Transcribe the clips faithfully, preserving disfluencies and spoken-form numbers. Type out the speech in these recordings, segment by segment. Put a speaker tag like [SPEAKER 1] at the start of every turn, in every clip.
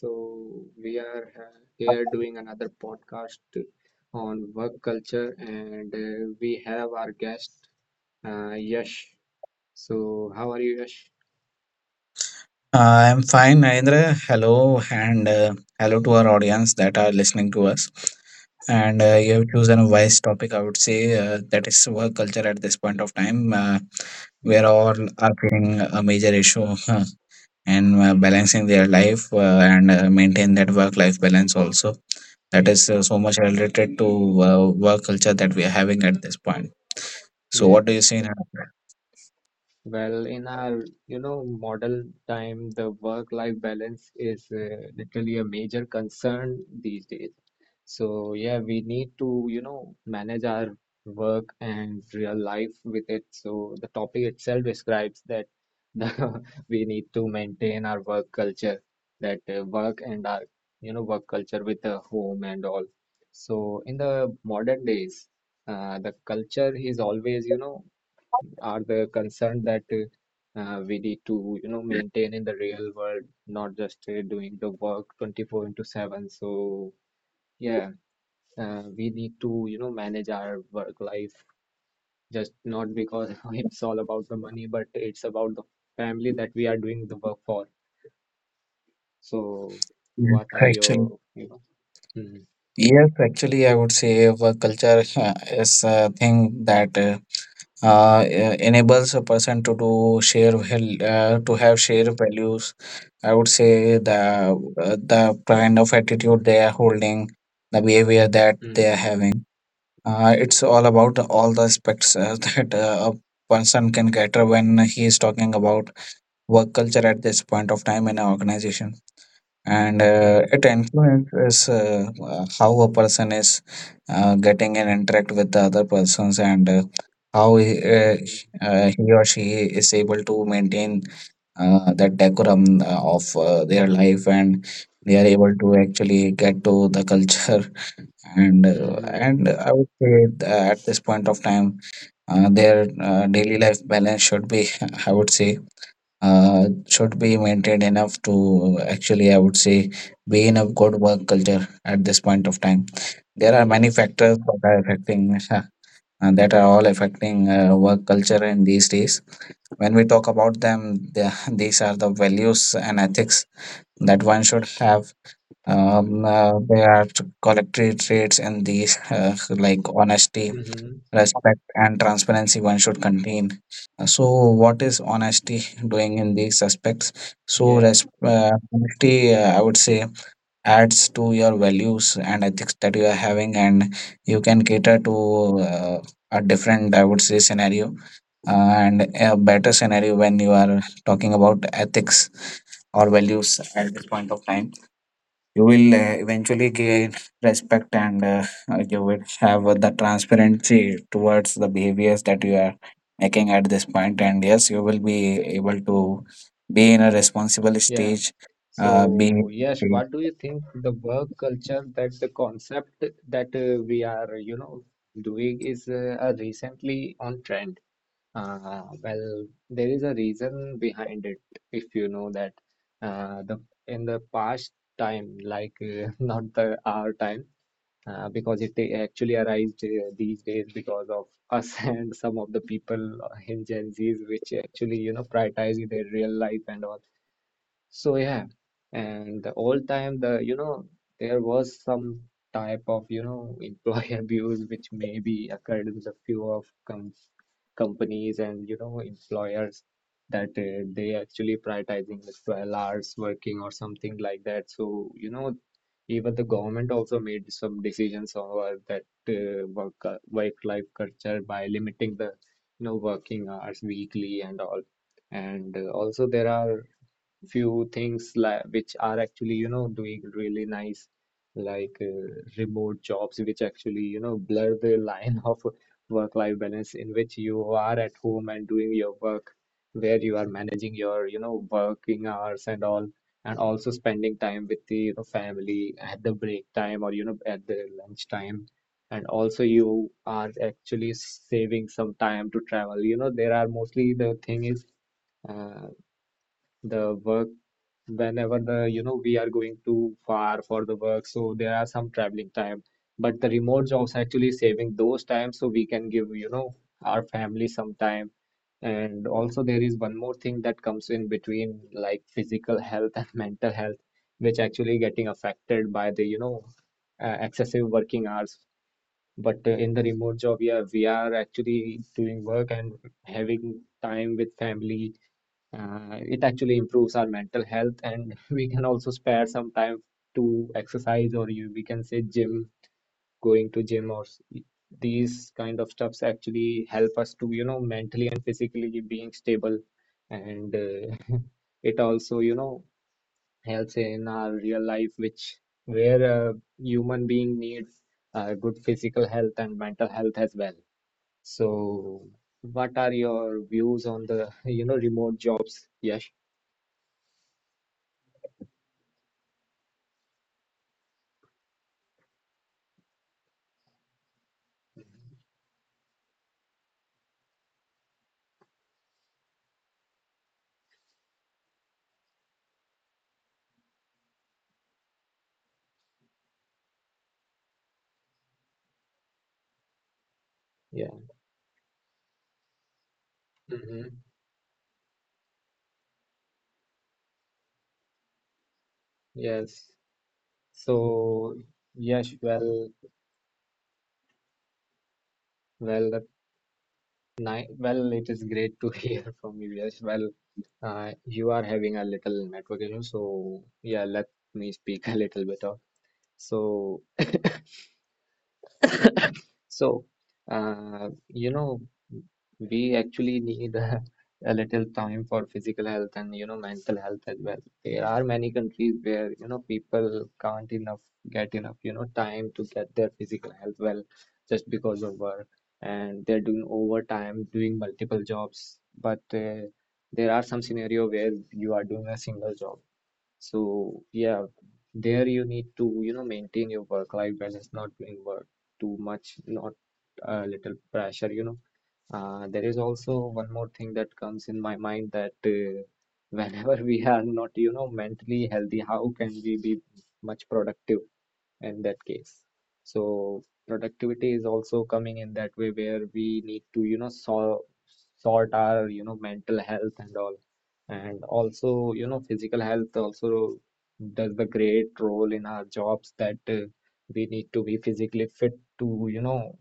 [SPEAKER 1] So we are uh, here doing another podcast on work culture, and uh, we have our guest, uh, Yash. So, how are you, Yash?
[SPEAKER 2] Uh, I'm fine, Narendra. Hello, and uh, hello to our audience that are listening to us. And uh, you have
[SPEAKER 1] Mm,
[SPEAKER 2] chosen a wise topic, I would say, uh, that is work culture at this point of time, uh, where
[SPEAKER 1] mm,
[SPEAKER 2] all are facing a major issue uh, and uh, balancing their life uh, and uh, maintain that work-life balance also. That is uh, so much related to uh, work culture that we are having at this point. So, what do you
[SPEAKER 1] yes.
[SPEAKER 2] say, Narendra?
[SPEAKER 1] Well, in our, you know, modern time, the work-life balance is uh, literally a major concern these days. So, yeah, we need to, you know, manage our work and real life with it. So the topic itself describes that the, we need to maintain our work culture, that uh, work and our, you know, work culture with the home and all. So in the modern days, uh, the culture is always, you know, are the concern that uh, we need to you know maintain in the real world, not just uh, doing the work twenty four into seven. So yeah, uh, we need to you know manage our work life just not because it's all about the money, but it's about the family that we are doing the work for. So
[SPEAKER 2] Yes,
[SPEAKER 1] what are
[SPEAKER 2] Actually.
[SPEAKER 1] your, you know? Mm,
[SPEAKER 2] Yes, actually, I would say work culture is a thing that uh, uh, enables a person to do share val- uh, to have shared values. I would say the uh, the kind of attitude they are holding, the behavior that they are
[SPEAKER 1] mm,
[SPEAKER 2] having. Uh, it's all about all the aspects uh, that uh, a person can get when he is talking about work culture at this point of time in an organization, and uh, it
[SPEAKER 1] mm,
[SPEAKER 2] influences uh, uh, how a person is uh, getting and interact with the other persons, and uh, how he, uh,
[SPEAKER 1] mm,
[SPEAKER 2] uh, he or she is able to maintain uh, that decorum uh, of uh,
[SPEAKER 1] mm,
[SPEAKER 2] their
[SPEAKER 1] mm,
[SPEAKER 2] life, and they are able to actually get to the culture and uh,
[SPEAKER 1] mm,
[SPEAKER 2] and I would say th- at this point of time uh, their uh, daily life balance should be I would say uh, should be maintained enough to actually, I would say, be in a good work culture at this point of time. There are many
[SPEAKER 1] yes.
[SPEAKER 2] factors that are affecting and that are all affecting uh, work culture in these days. When we talk about them, the, these are the values and ethics that one should have. Um, uh, there are collective traits in these, uh, like honesty,
[SPEAKER 1] Mm-hmm.
[SPEAKER 2] respect, and transparency. One should contain. So, what is honesty doing in these aspects? So,
[SPEAKER 1] Yeah,
[SPEAKER 2] res- uh, honesty, uh, I would say, adds to your values and ethics that you are having, and you can cater to uh, a different, I would say, scenario uh, and a better scenario. When you are talking about ethics or values at this point of time, you will uh, eventually gain respect, and uh, you will have uh, the transparency towards the behaviors that you are making at this point point, and yes, you will be able to be in a responsible
[SPEAKER 1] yeah.
[SPEAKER 2] stage uh, be.
[SPEAKER 1] So, yes, what do you think the work culture, that the concept that uh, we are, you know, doing is uh, uh, recently on trend? Uh, well, there is a reason behind it, if you know that uh, the in the past time, like uh, not the our time, uh, because it actually arrived uh, these days because of us and some of the people in Gen Zs, which actually, you know, prioritize their real life and all. So yeah, and the old time, the you know, there was some type of you know employee abuse which maybe occurred with a few of com companies and you know employers that uh, they actually prioritizing the twelve hours working or something like that. So you know, even the government also made some decisions over that uh, work uh, work-life culture by limiting the you know working hours weekly and all. And uh, also there are few things like which are actually you know doing really nice, like uh, remote jobs which actually you know blur the line of work life balance, in which you are at home and doing your work, where you are managing your you know working hours and all, and also spending time with the you know, family at the break time or you know at the lunch time. And also you are actually saving some time to travel. You know there are mostly, the thing is uh, the work, whenever the you know we are going too far for the work, so there are some traveling time, but the remote jobs actually saving those times, so we can give you know our family some time. And also there is one more thing that comes in between, like physical health and mental health, which actually getting affected by the you know uh, excessive working hours. But uh, in the remote job, yeah, we are actually doing work and having time with family, uh, it actually improves our mental health, and we can also spare some time to exercise, or you we can say gym, going to gym, or s- these kind of stuffs actually help us to you know mentally and physically being stable. And uh, it also you know helps in our real life, which where a human being needs uh, good physical health and mental health as well. So what are your views on the you know remote jobs? Yes. Mm-hmm. Yes. So, yes, well, well, that ni. Well, it is great to hear from you. Yes, well, uh, you are having a little network issue, so yeah, let me speak a little bit of. So, So, uh, you know, we actually need a, a little time for physical health and, you know, mental health as well. There are many countries where, you know, people can't enough get enough, you know, time to get their physical health well just because of work. And they're doing overtime, doing multiple jobs. But uh, there are some scenario where you are doing a single job, so yeah, there you need to, you know, maintain your work life balance, not doing work too much, not a little pressure, you know. Uh, there is also one more thing that comes in my mind, that uh, whenever we are not, you know, mentally healthy, how can we be much productive in that case? So productivity is also coming in that way, where we need to, you know, sort sort our, you know, mental health and all. And also, you know, physical health also does the great role in our jobs, that uh, we need to be physically fit to, you know,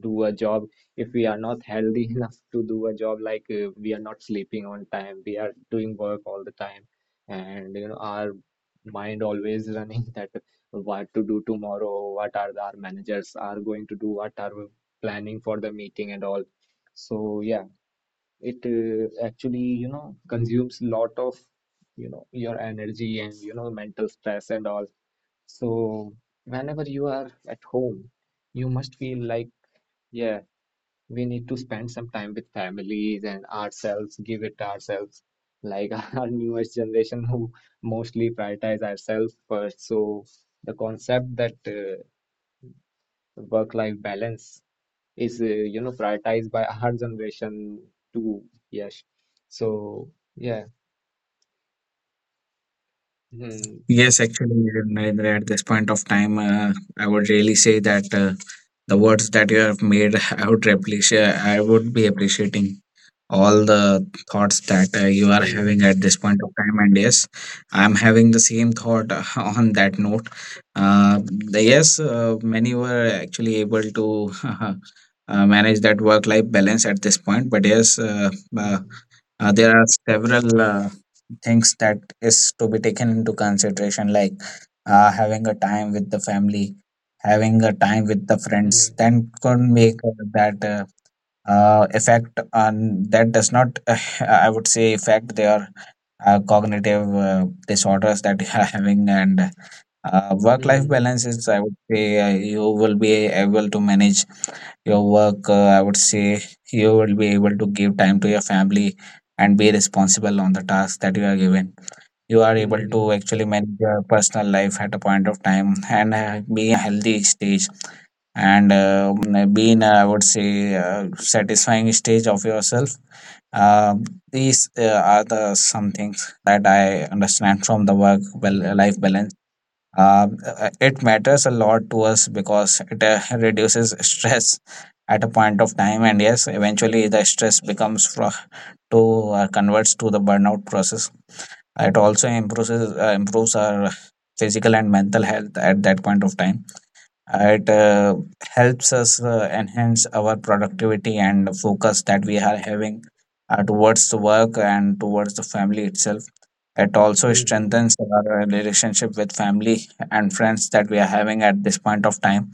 [SPEAKER 1] do a job. If we are not healthy enough to do a job, like uh, we are not sleeping on time, we are doing work all the time, and you know, our mind always running that what to do tomorrow, what are the, our managers are going to do, what are we planning for the meeting and all. So yeah, it uh, actually, you know, consumes lot of, you know, your energy and, you know, mental stress and all. So whenever you are at home, you must feel like, yeah, we need to spend some time with families and ourselves, give it ourselves, like our newest generation who mostly prioritize ourselves first. So the concept that uh, work-life balance is uh, you know prioritized by our generation too. Yes, so yeah. Hmm,
[SPEAKER 2] Yes, actually, Narendra, at this point of time, uh, I would really say that uh, the words that you have made, I would appreciate, I would be appreciating all the thoughts that uh, you are
[SPEAKER 1] hmm.
[SPEAKER 2] having at this point of time. And yes, I'm having the same thought uh, on that note. Uh, the- yes, uh, many were actually able to uh, manage that work-life balance at this point, but yes, uh, uh,
[SPEAKER 1] Mm-hmm.
[SPEAKER 2] uh, there are several uh, things that is to be taken into consideration, like uh, having a time with the family, having a time with the friends, then could make uh, that uh, uh, effect on that does not I would say affect their uh, cognitive uh, disorders that you are having, and uh, work-life
[SPEAKER 1] Hmm,
[SPEAKER 2] balance is, I would say, uh, you will be able to manage your work. Uh, I would say you will be able to give time to your family and be responsible on the tasks that you are given. You are able
[SPEAKER 1] hmm,
[SPEAKER 2] to actually manage your personal life at a point of time and uh, be in a healthy stage, and um, be in a, I would say, uh, satisfying stage of yourself. Um these uh, are the some things that I understand from the
[SPEAKER 1] hmm,
[SPEAKER 2] work-life balance. Um, uh, it matters a lot to us because it uh, reduces stress at a point of time, and yes, eventually the stress becomes fro- to uh, converts to the burnout process. It also improves uh, improves our physical and mental health at that point of time. It uh, helps us uh, enhance our productivity and focus that we are having uh, towards the work and towards the family itself. It also
[SPEAKER 1] hmm.
[SPEAKER 2] strengthens our relationship with family and friends that we are having at this point of time.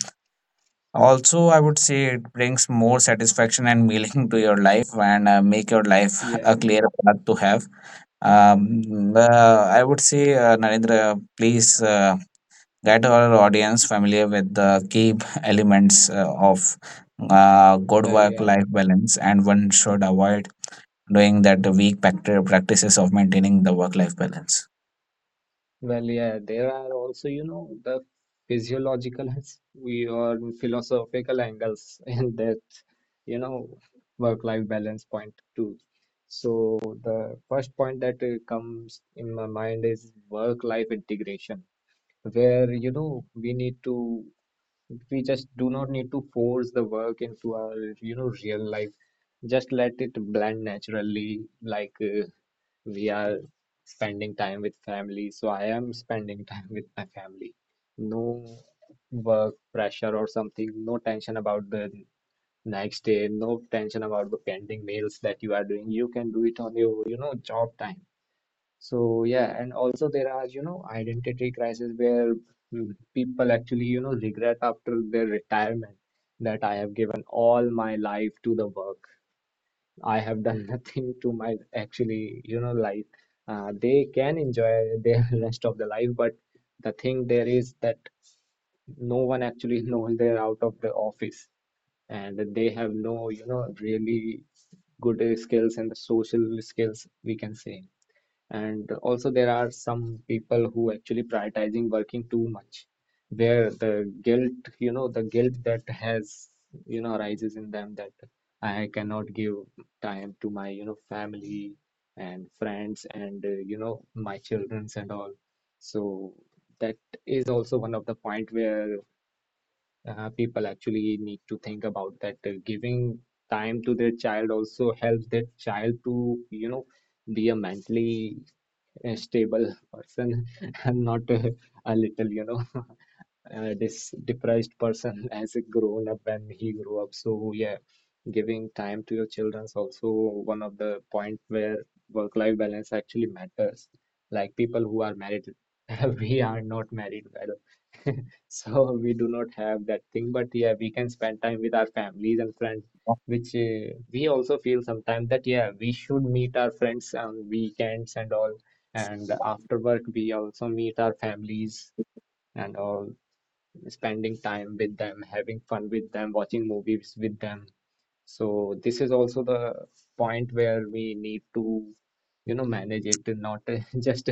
[SPEAKER 2] Also, I would say it brings more satisfaction and meaning to your life and uh, make your life
[SPEAKER 1] Yeah,
[SPEAKER 2] a clear path to have. Um, uh, I would say, uh, Narendra, please uh, get our audience familiar with the key elements uh, of uh, good
[SPEAKER 1] well,
[SPEAKER 2] work
[SPEAKER 1] yeah,
[SPEAKER 2] life balance, and one should avoid doing that, the weak pact- practices of maintaining the work life balance.
[SPEAKER 1] well, yeah, there are also you know the physiological we or philosophical angles in that. you know work-life balance point two. So the first point that uh, comes in my mind is work-life integration, where you know we need to we just do not need to force the work into our you know real life. Just let it blend naturally, like uh, we are spending time with family. So I am spending time with my family. No work pressure or something, no tension about the next day, no tension about the pending mails that you are doing, you can do it on your you know job time. So yeah, and also there are you know identity crisis where mm, people actually you know regret after their retirement that I have given all my life to the work, I have done nothing to my actually you know life. Uh, they can enjoy their rest of the life, but the thing there is that no one actually knows they're out of the office, and they have no you know really good uh, skills and the social skills, we can say. And also there are some people who actually prioritizing working too much, where the guilt you know the guilt that has you know arises in them that I cannot give time to my you know family and friends, and uh, you know my childrens and all. So that is also one of the point where uh, people actually need to think about that, uh, giving time to their child also helps their child to you know be a mentally uh, stable person and not a, a little you know uh, this depressed person as a grown up when he grew up. So yeah, giving time to your children is also one of the point where work life balance actually matters, like people who are married. We are not married, well, so we do not have that thing, but yeah, we can spend time with our families and friends, which uh, we also feel sometimes that yeah, we should meet our friends on weekends and all, and after work we also meet our families and all, spending time with them, having fun with them, watching movies with them. So this is also the point where we need to, you know, manage it, and not just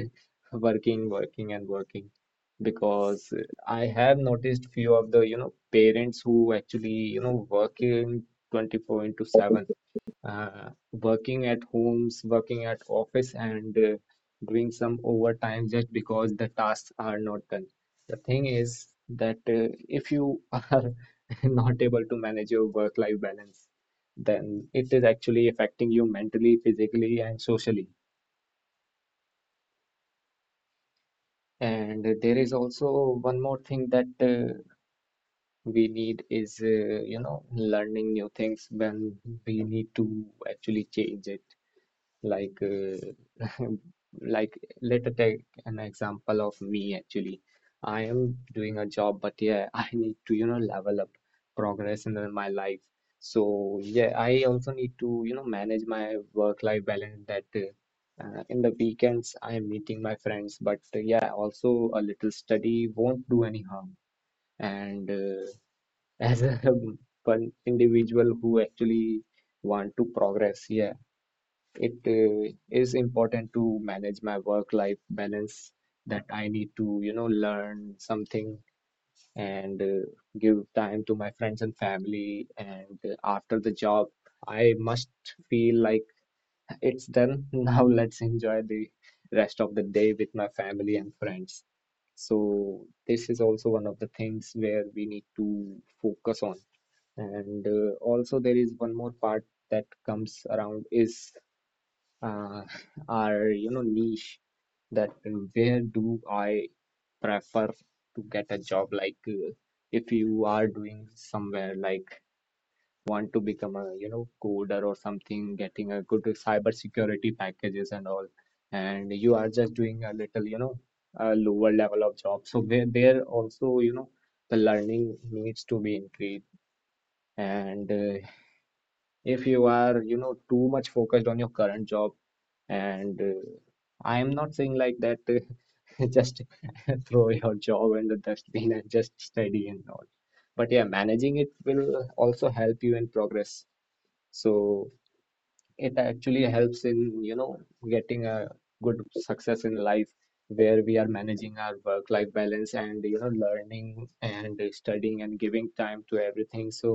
[SPEAKER 1] working, working and working. Because I have noticed few of the, you know, parents who actually, you know, working twenty four into seven, uh, working at homes, working at office and uh, doing some overtime just because the tasks are not done. The thing is that uh, if you are not able to manage your work-life balance, then it is actually affecting you mentally, physically, and socially. And there is also one more thing that uh, we need is, uh, you know, learning new things when we need to actually change it. like uh, like let us take an example of me. Actually, I am doing a job, but yeah, I need to you know level up, progress in the- my life. So yeah, I also need to, you know, manage my work life balance. That uh, uh, in the weekends I am meeting my friends, but uh, yeah, also a little study won't do any harm. And uh, as a one individual who actually want to progress, yeah, it uh, is important to manage my work life balance, that I need to, you know, learn something and uh, give time to my friends and family. And uh, after the job, I must feel like it's done. Now let's enjoy the rest of the day with my family and friends. So this is also one of the things where we need to focus on. And uh, also there is one more part that comes around is uh, are you know niche, that uh, where do I prefer to get a job? Like uh, if you are doing somewhere like want to become a, you know, coder or something, getting a good cyber security packages and all, and you are just doing a little, you know, a lower level of job, so there, there also, you know, the learning needs to be increased. And uh, if you are, you know, too much focused on your current job, and uh, I am not saying like that uh, just throw your job in the dustbin and just study and all, but yeah, managing it will also help you in progress. So it actually helps in, you know, getting a good success in life where we are managing our work life balance and, you know, learning and studying and giving time to everything. So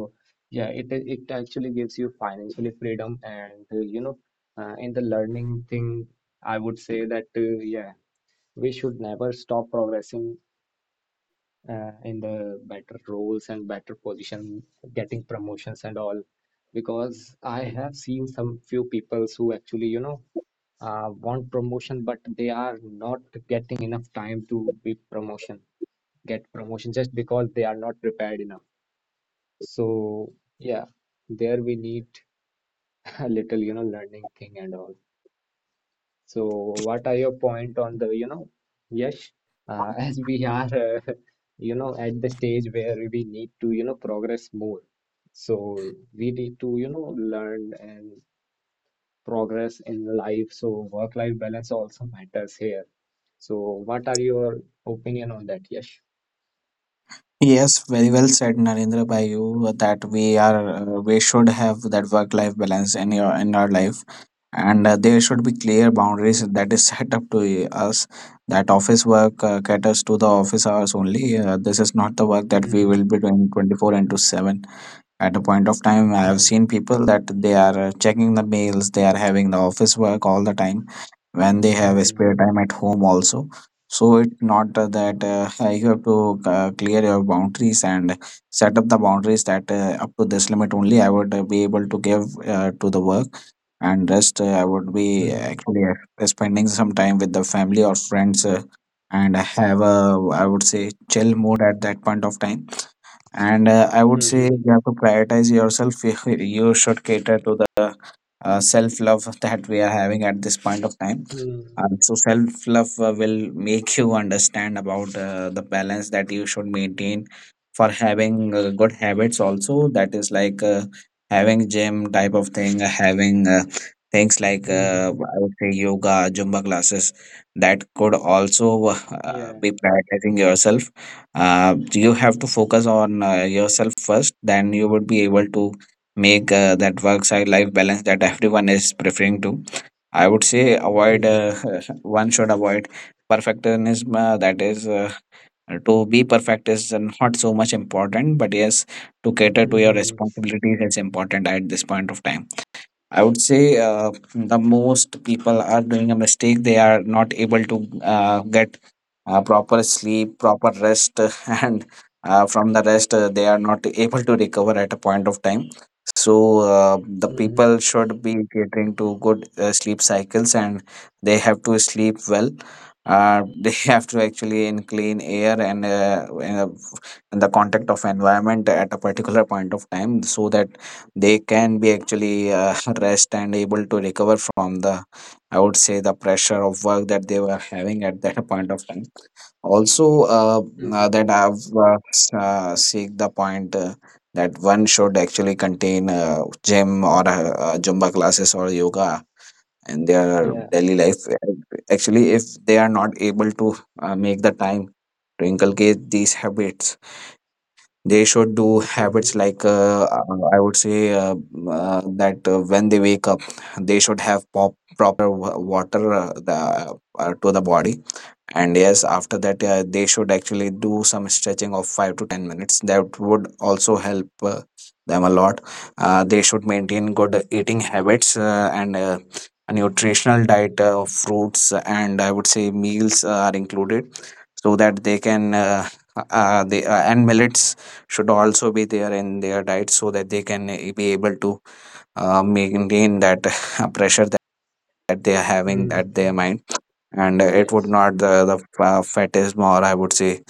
[SPEAKER 1] yeah, it it actually gives you financially freedom. And uh, you know, uh, in the learning thing, I would say that uh, yeah, we should never stop progressing, uh, in the better roles and better position, getting promotions and all. Because I have seen some few peoples who actually, you know, uh, want promotion, but they are not getting enough time to be promotion, get promotion just because they are not prepared enough. So yeah, there we need a little, you know, learning thing and all. So, what are your point on the, you know, Yash, uh, as we are, uh, you know, at the stage where we need to, you know, progress more. So we need to, you know, learn and progress in life. So work-life balance also matters here. So what are your opinion on that, Yash?
[SPEAKER 2] Yes, very well said, Narendra, by you uh, that we are uh, we should have that work-life balance in your in our life, and uh, there should be clear boundaries that is set up to us. That office work uh, caters to the office hours only. Uh, this is not the work that we will
[SPEAKER 1] Mm-hmm.
[SPEAKER 2] be doing twenty-four into seven at a point of time. I have
[SPEAKER 1] Mm-hmm.
[SPEAKER 2] seen people that they are uh, checking the mails, they are having the office work all the time when they have a
[SPEAKER 1] Mm-hmm.
[SPEAKER 2] spare time at home also. So it not uh, that uh, you have to uh, clear your boundaries and set up the boundaries that uh, up to this limit only I would uh, be able to give uh, to the work, and rest uh, I would be
[SPEAKER 1] Mm-hmm.
[SPEAKER 2] actually uh, spending some time with the family or friends, uh, and have a, I would say, chill mode at that point of time. And uh, I would say
[SPEAKER 1] Mm-hmm.
[SPEAKER 2] you have to prioritize yourself. You should cater to the uh, self love that we are having at this point of time.
[SPEAKER 1] Mm-hmm.
[SPEAKER 2] Uh, so self love uh, will make you understand about uh, the balance that you should maintain for having uh, good habits also, that is like uh, having gym type of thing, uh, having uh, things like uh,
[SPEAKER 1] Mm-hmm.
[SPEAKER 2] I would say yoga, zumba classes, that could also uh,
[SPEAKER 1] Yeah.
[SPEAKER 2] be prioritizing yourself. uh, you have to focus on uh, yourself first, then you would be able to make uh, that work side life balance that everyone is preferring to. I would say avoid, uh,
[SPEAKER 1] Mm-hmm.
[SPEAKER 2] one should avoid perfectionism. Uh, that is, uh, to be perfect is not so much important, but yes, to cater to your
[SPEAKER 1] Mm-hmm.
[SPEAKER 2] responsibilities is important at this point of time. I would say uh, the most people are doing a mistake, they are not able to uh, get uh, proper sleep, proper rest, and uh, from the rest, uh, they are not able to recover at a point of time. So, uh, the people
[SPEAKER 1] Mm-hmm.
[SPEAKER 2] should be catering to good uh, sleep cycles, and they have to sleep well. Uh, they have to actually in clean air and uh, in, a, in the contact of environment at a particular point of time, so that they can be actually uh, rest and able to recover from the, I would say, the pressure of work that they were having at that point of time. Also uh, uh,
[SPEAKER 1] Mm-hmm.
[SPEAKER 2] that I've uh, s- uh, seek the point uh, that one should actually contain uh, gym or uh, uh, zumba classes or yoga in their
[SPEAKER 1] Yeah.
[SPEAKER 2] daily life. Actually, if they are not able to uh, make the time to inculcate these habits, they should do
[SPEAKER 1] Mm-hmm.
[SPEAKER 2] habits like uh, uh, I would say uh, uh, that uh, when they wake up, they should have pop- proper wa- water uh, the, uh, to the body, and yes, after that uh, they should actually do some stretching of five to ten minutes. That would also help uh, them a lot. Uh, they should maintain good eating habits uh, and uh, a nutritional diet uh, of fruits, and I would say meals uh, are included, so that they can uh, uh, they uh, and millets should also be there in their diet, so that they can uh, be able to uh, maintain that pressure that they are having
[SPEAKER 1] Hmm.
[SPEAKER 2] at their mind, and it would
[SPEAKER 1] Yes.
[SPEAKER 2] not the the uh, fatism, or I would say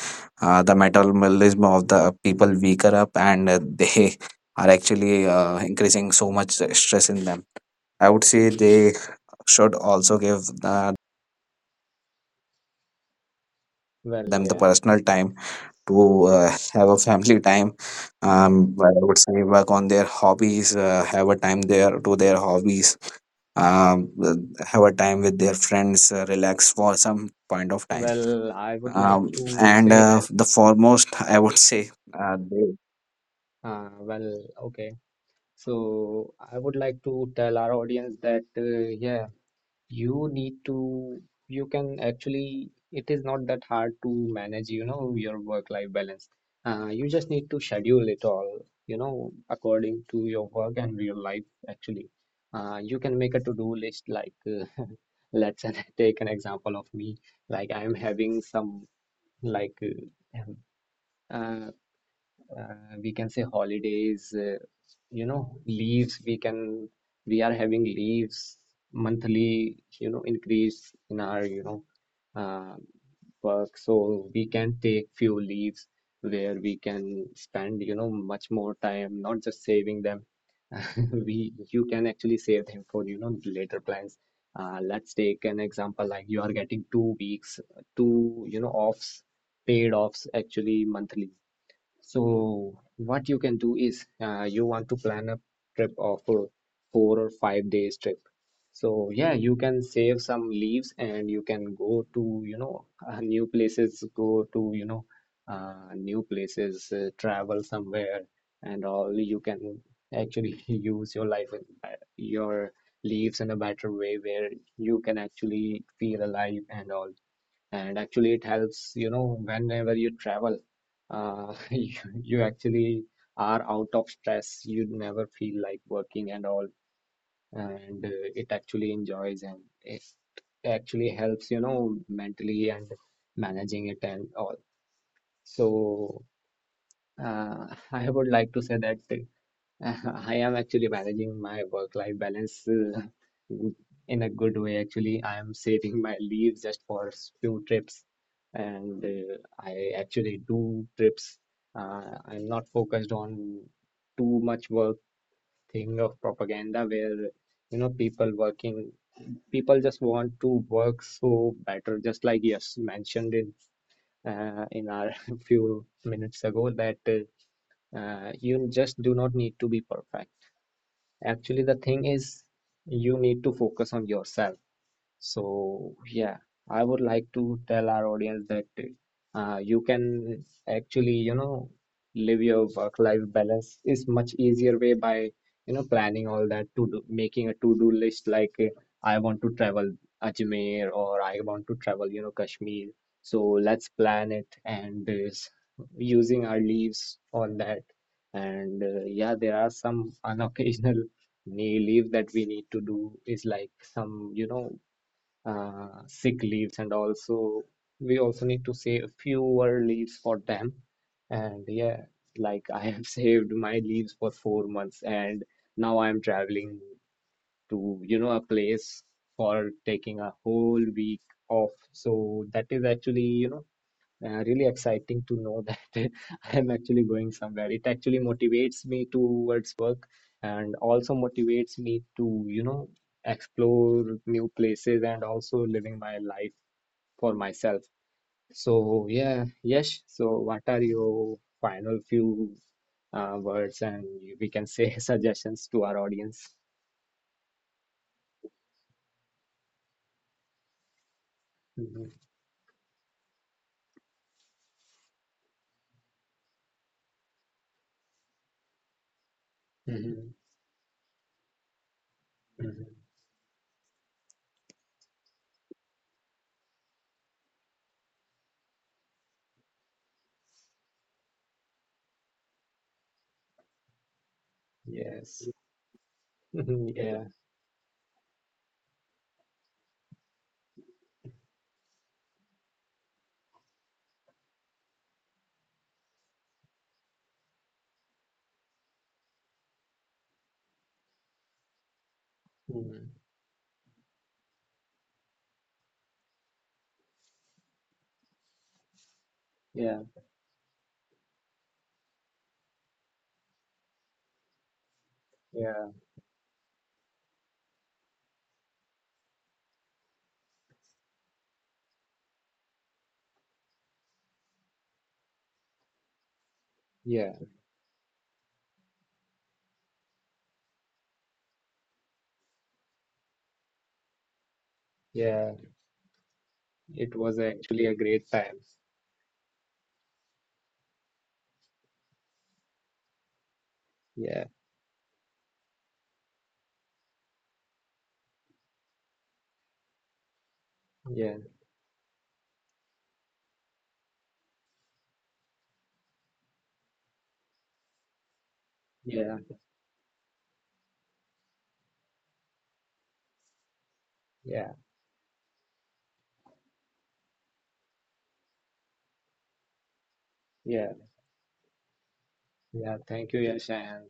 [SPEAKER 2] uh, the metabolism of the people weaker up, and uh, they are actually uh, increasing so much stress in them. I would say they should also give uh,
[SPEAKER 1] Well,
[SPEAKER 2] them the
[SPEAKER 1] yeah.
[SPEAKER 2] personal time to uh, have a family time. Um, but I would say work on their hobbies, uh, have a time there to their hobbies, um, have a time with their friends, uh, relax for some point of time,
[SPEAKER 1] Well, I would like
[SPEAKER 2] um,
[SPEAKER 1] to
[SPEAKER 2] and
[SPEAKER 1] say
[SPEAKER 2] uh,
[SPEAKER 1] that,
[SPEAKER 2] the foremost, I would say uh, they,
[SPEAKER 1] uh, well, okay. So I would like to tell our audience that, uh, yeah, you need to, you can actually, it is not that hard to manage, you know, your work-life balance. Uh, you just need to schedule it all, you know, according to your work and real life, actually. Uh, you can make a to-do list. Like, uh, let's take an example of me. Like I'm having some like uh, uh, uh, we can say holidays, uh, you know, leaves. We can we are having leaves monthly, you know, increase in our, you know, uh, work. So we can take few leaves where we can spend, you know, much more time, not just saving them. we You can actually save them for, you know, later plans. Uh, let's take an example, like you are getting two weeks, two, you know, offs, paid offs, actually monthly. So what you can do is, uh, you want to plan a trip of a four or five days trip. So yeah, you can save some leaves and you can go to, you know, uh, new places, go to, you know, uh, new places, uh, travel somewhere and all. You can actually use your life in uh, your leaves in a better way where you can actually feel alive and all. And actually it helps, you know, whenever you travel, uh, you, you actually are out of stress, you never feel like working and all. And uh, it actually enjoys and it actually helps, you know, mentally, and managing it and all. So uh, I would like to say that I am actually managing my work-life balance uh, in a good way. Actually, I am saving my leave just for s- few trips, and uh, I actually do trips. Uh, I'm not focused on too much work thing of propaganda where, you know, people working, people just want to work so better. Just like yes mentioned in uh, in our few minutes ago, that uh, uh, you just do not need to be perfect. Actually, the thing is, you need to focus on yourself. So yeah, I would like to tell our audience that uh, you can actually, you know, live your work-life balance is much easier way by, you know, planning all that to do, making a to-do list. Like uh, I want to travel Ajmer or I want to travel, you know, Kashmir. So let's plan it and uh, s- using our leaves on that. And uh, yeah, there are some unoccasional knee leave that we need to do is, like some, you know, uh, sick leaves. And also we also need to save fewer leaves for them. And yeah, like I have saved my leaves for four months, and now I'm traveling to, you know, a place, for taking a whole week off. So that is actually, you know, uh, really exciting to know that I'm actually going somewhere. It actually motivates me towards work and also motivates me to, you know, explore new places and also living my life for myself. So, yeah, yes. So, what are your final few uh, words and we can say suggestions to our audience? Hmm. Hmm. Hmm. Yes. Yeah. Mhm. Yeah. Yeah. Yeah. Yeah. It was actually a great time. Yeah, yeah, yeah, yeah, yeah, yeah. Thank you, Yash, and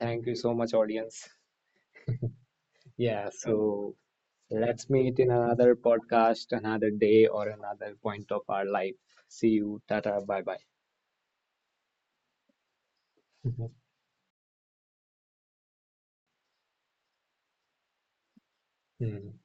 [SPEAKER 1] thank you so much, audience. Yeah, so let's meet in another podcast, another day, or another point of our life. See you. Tata. Bye bye. Hmm.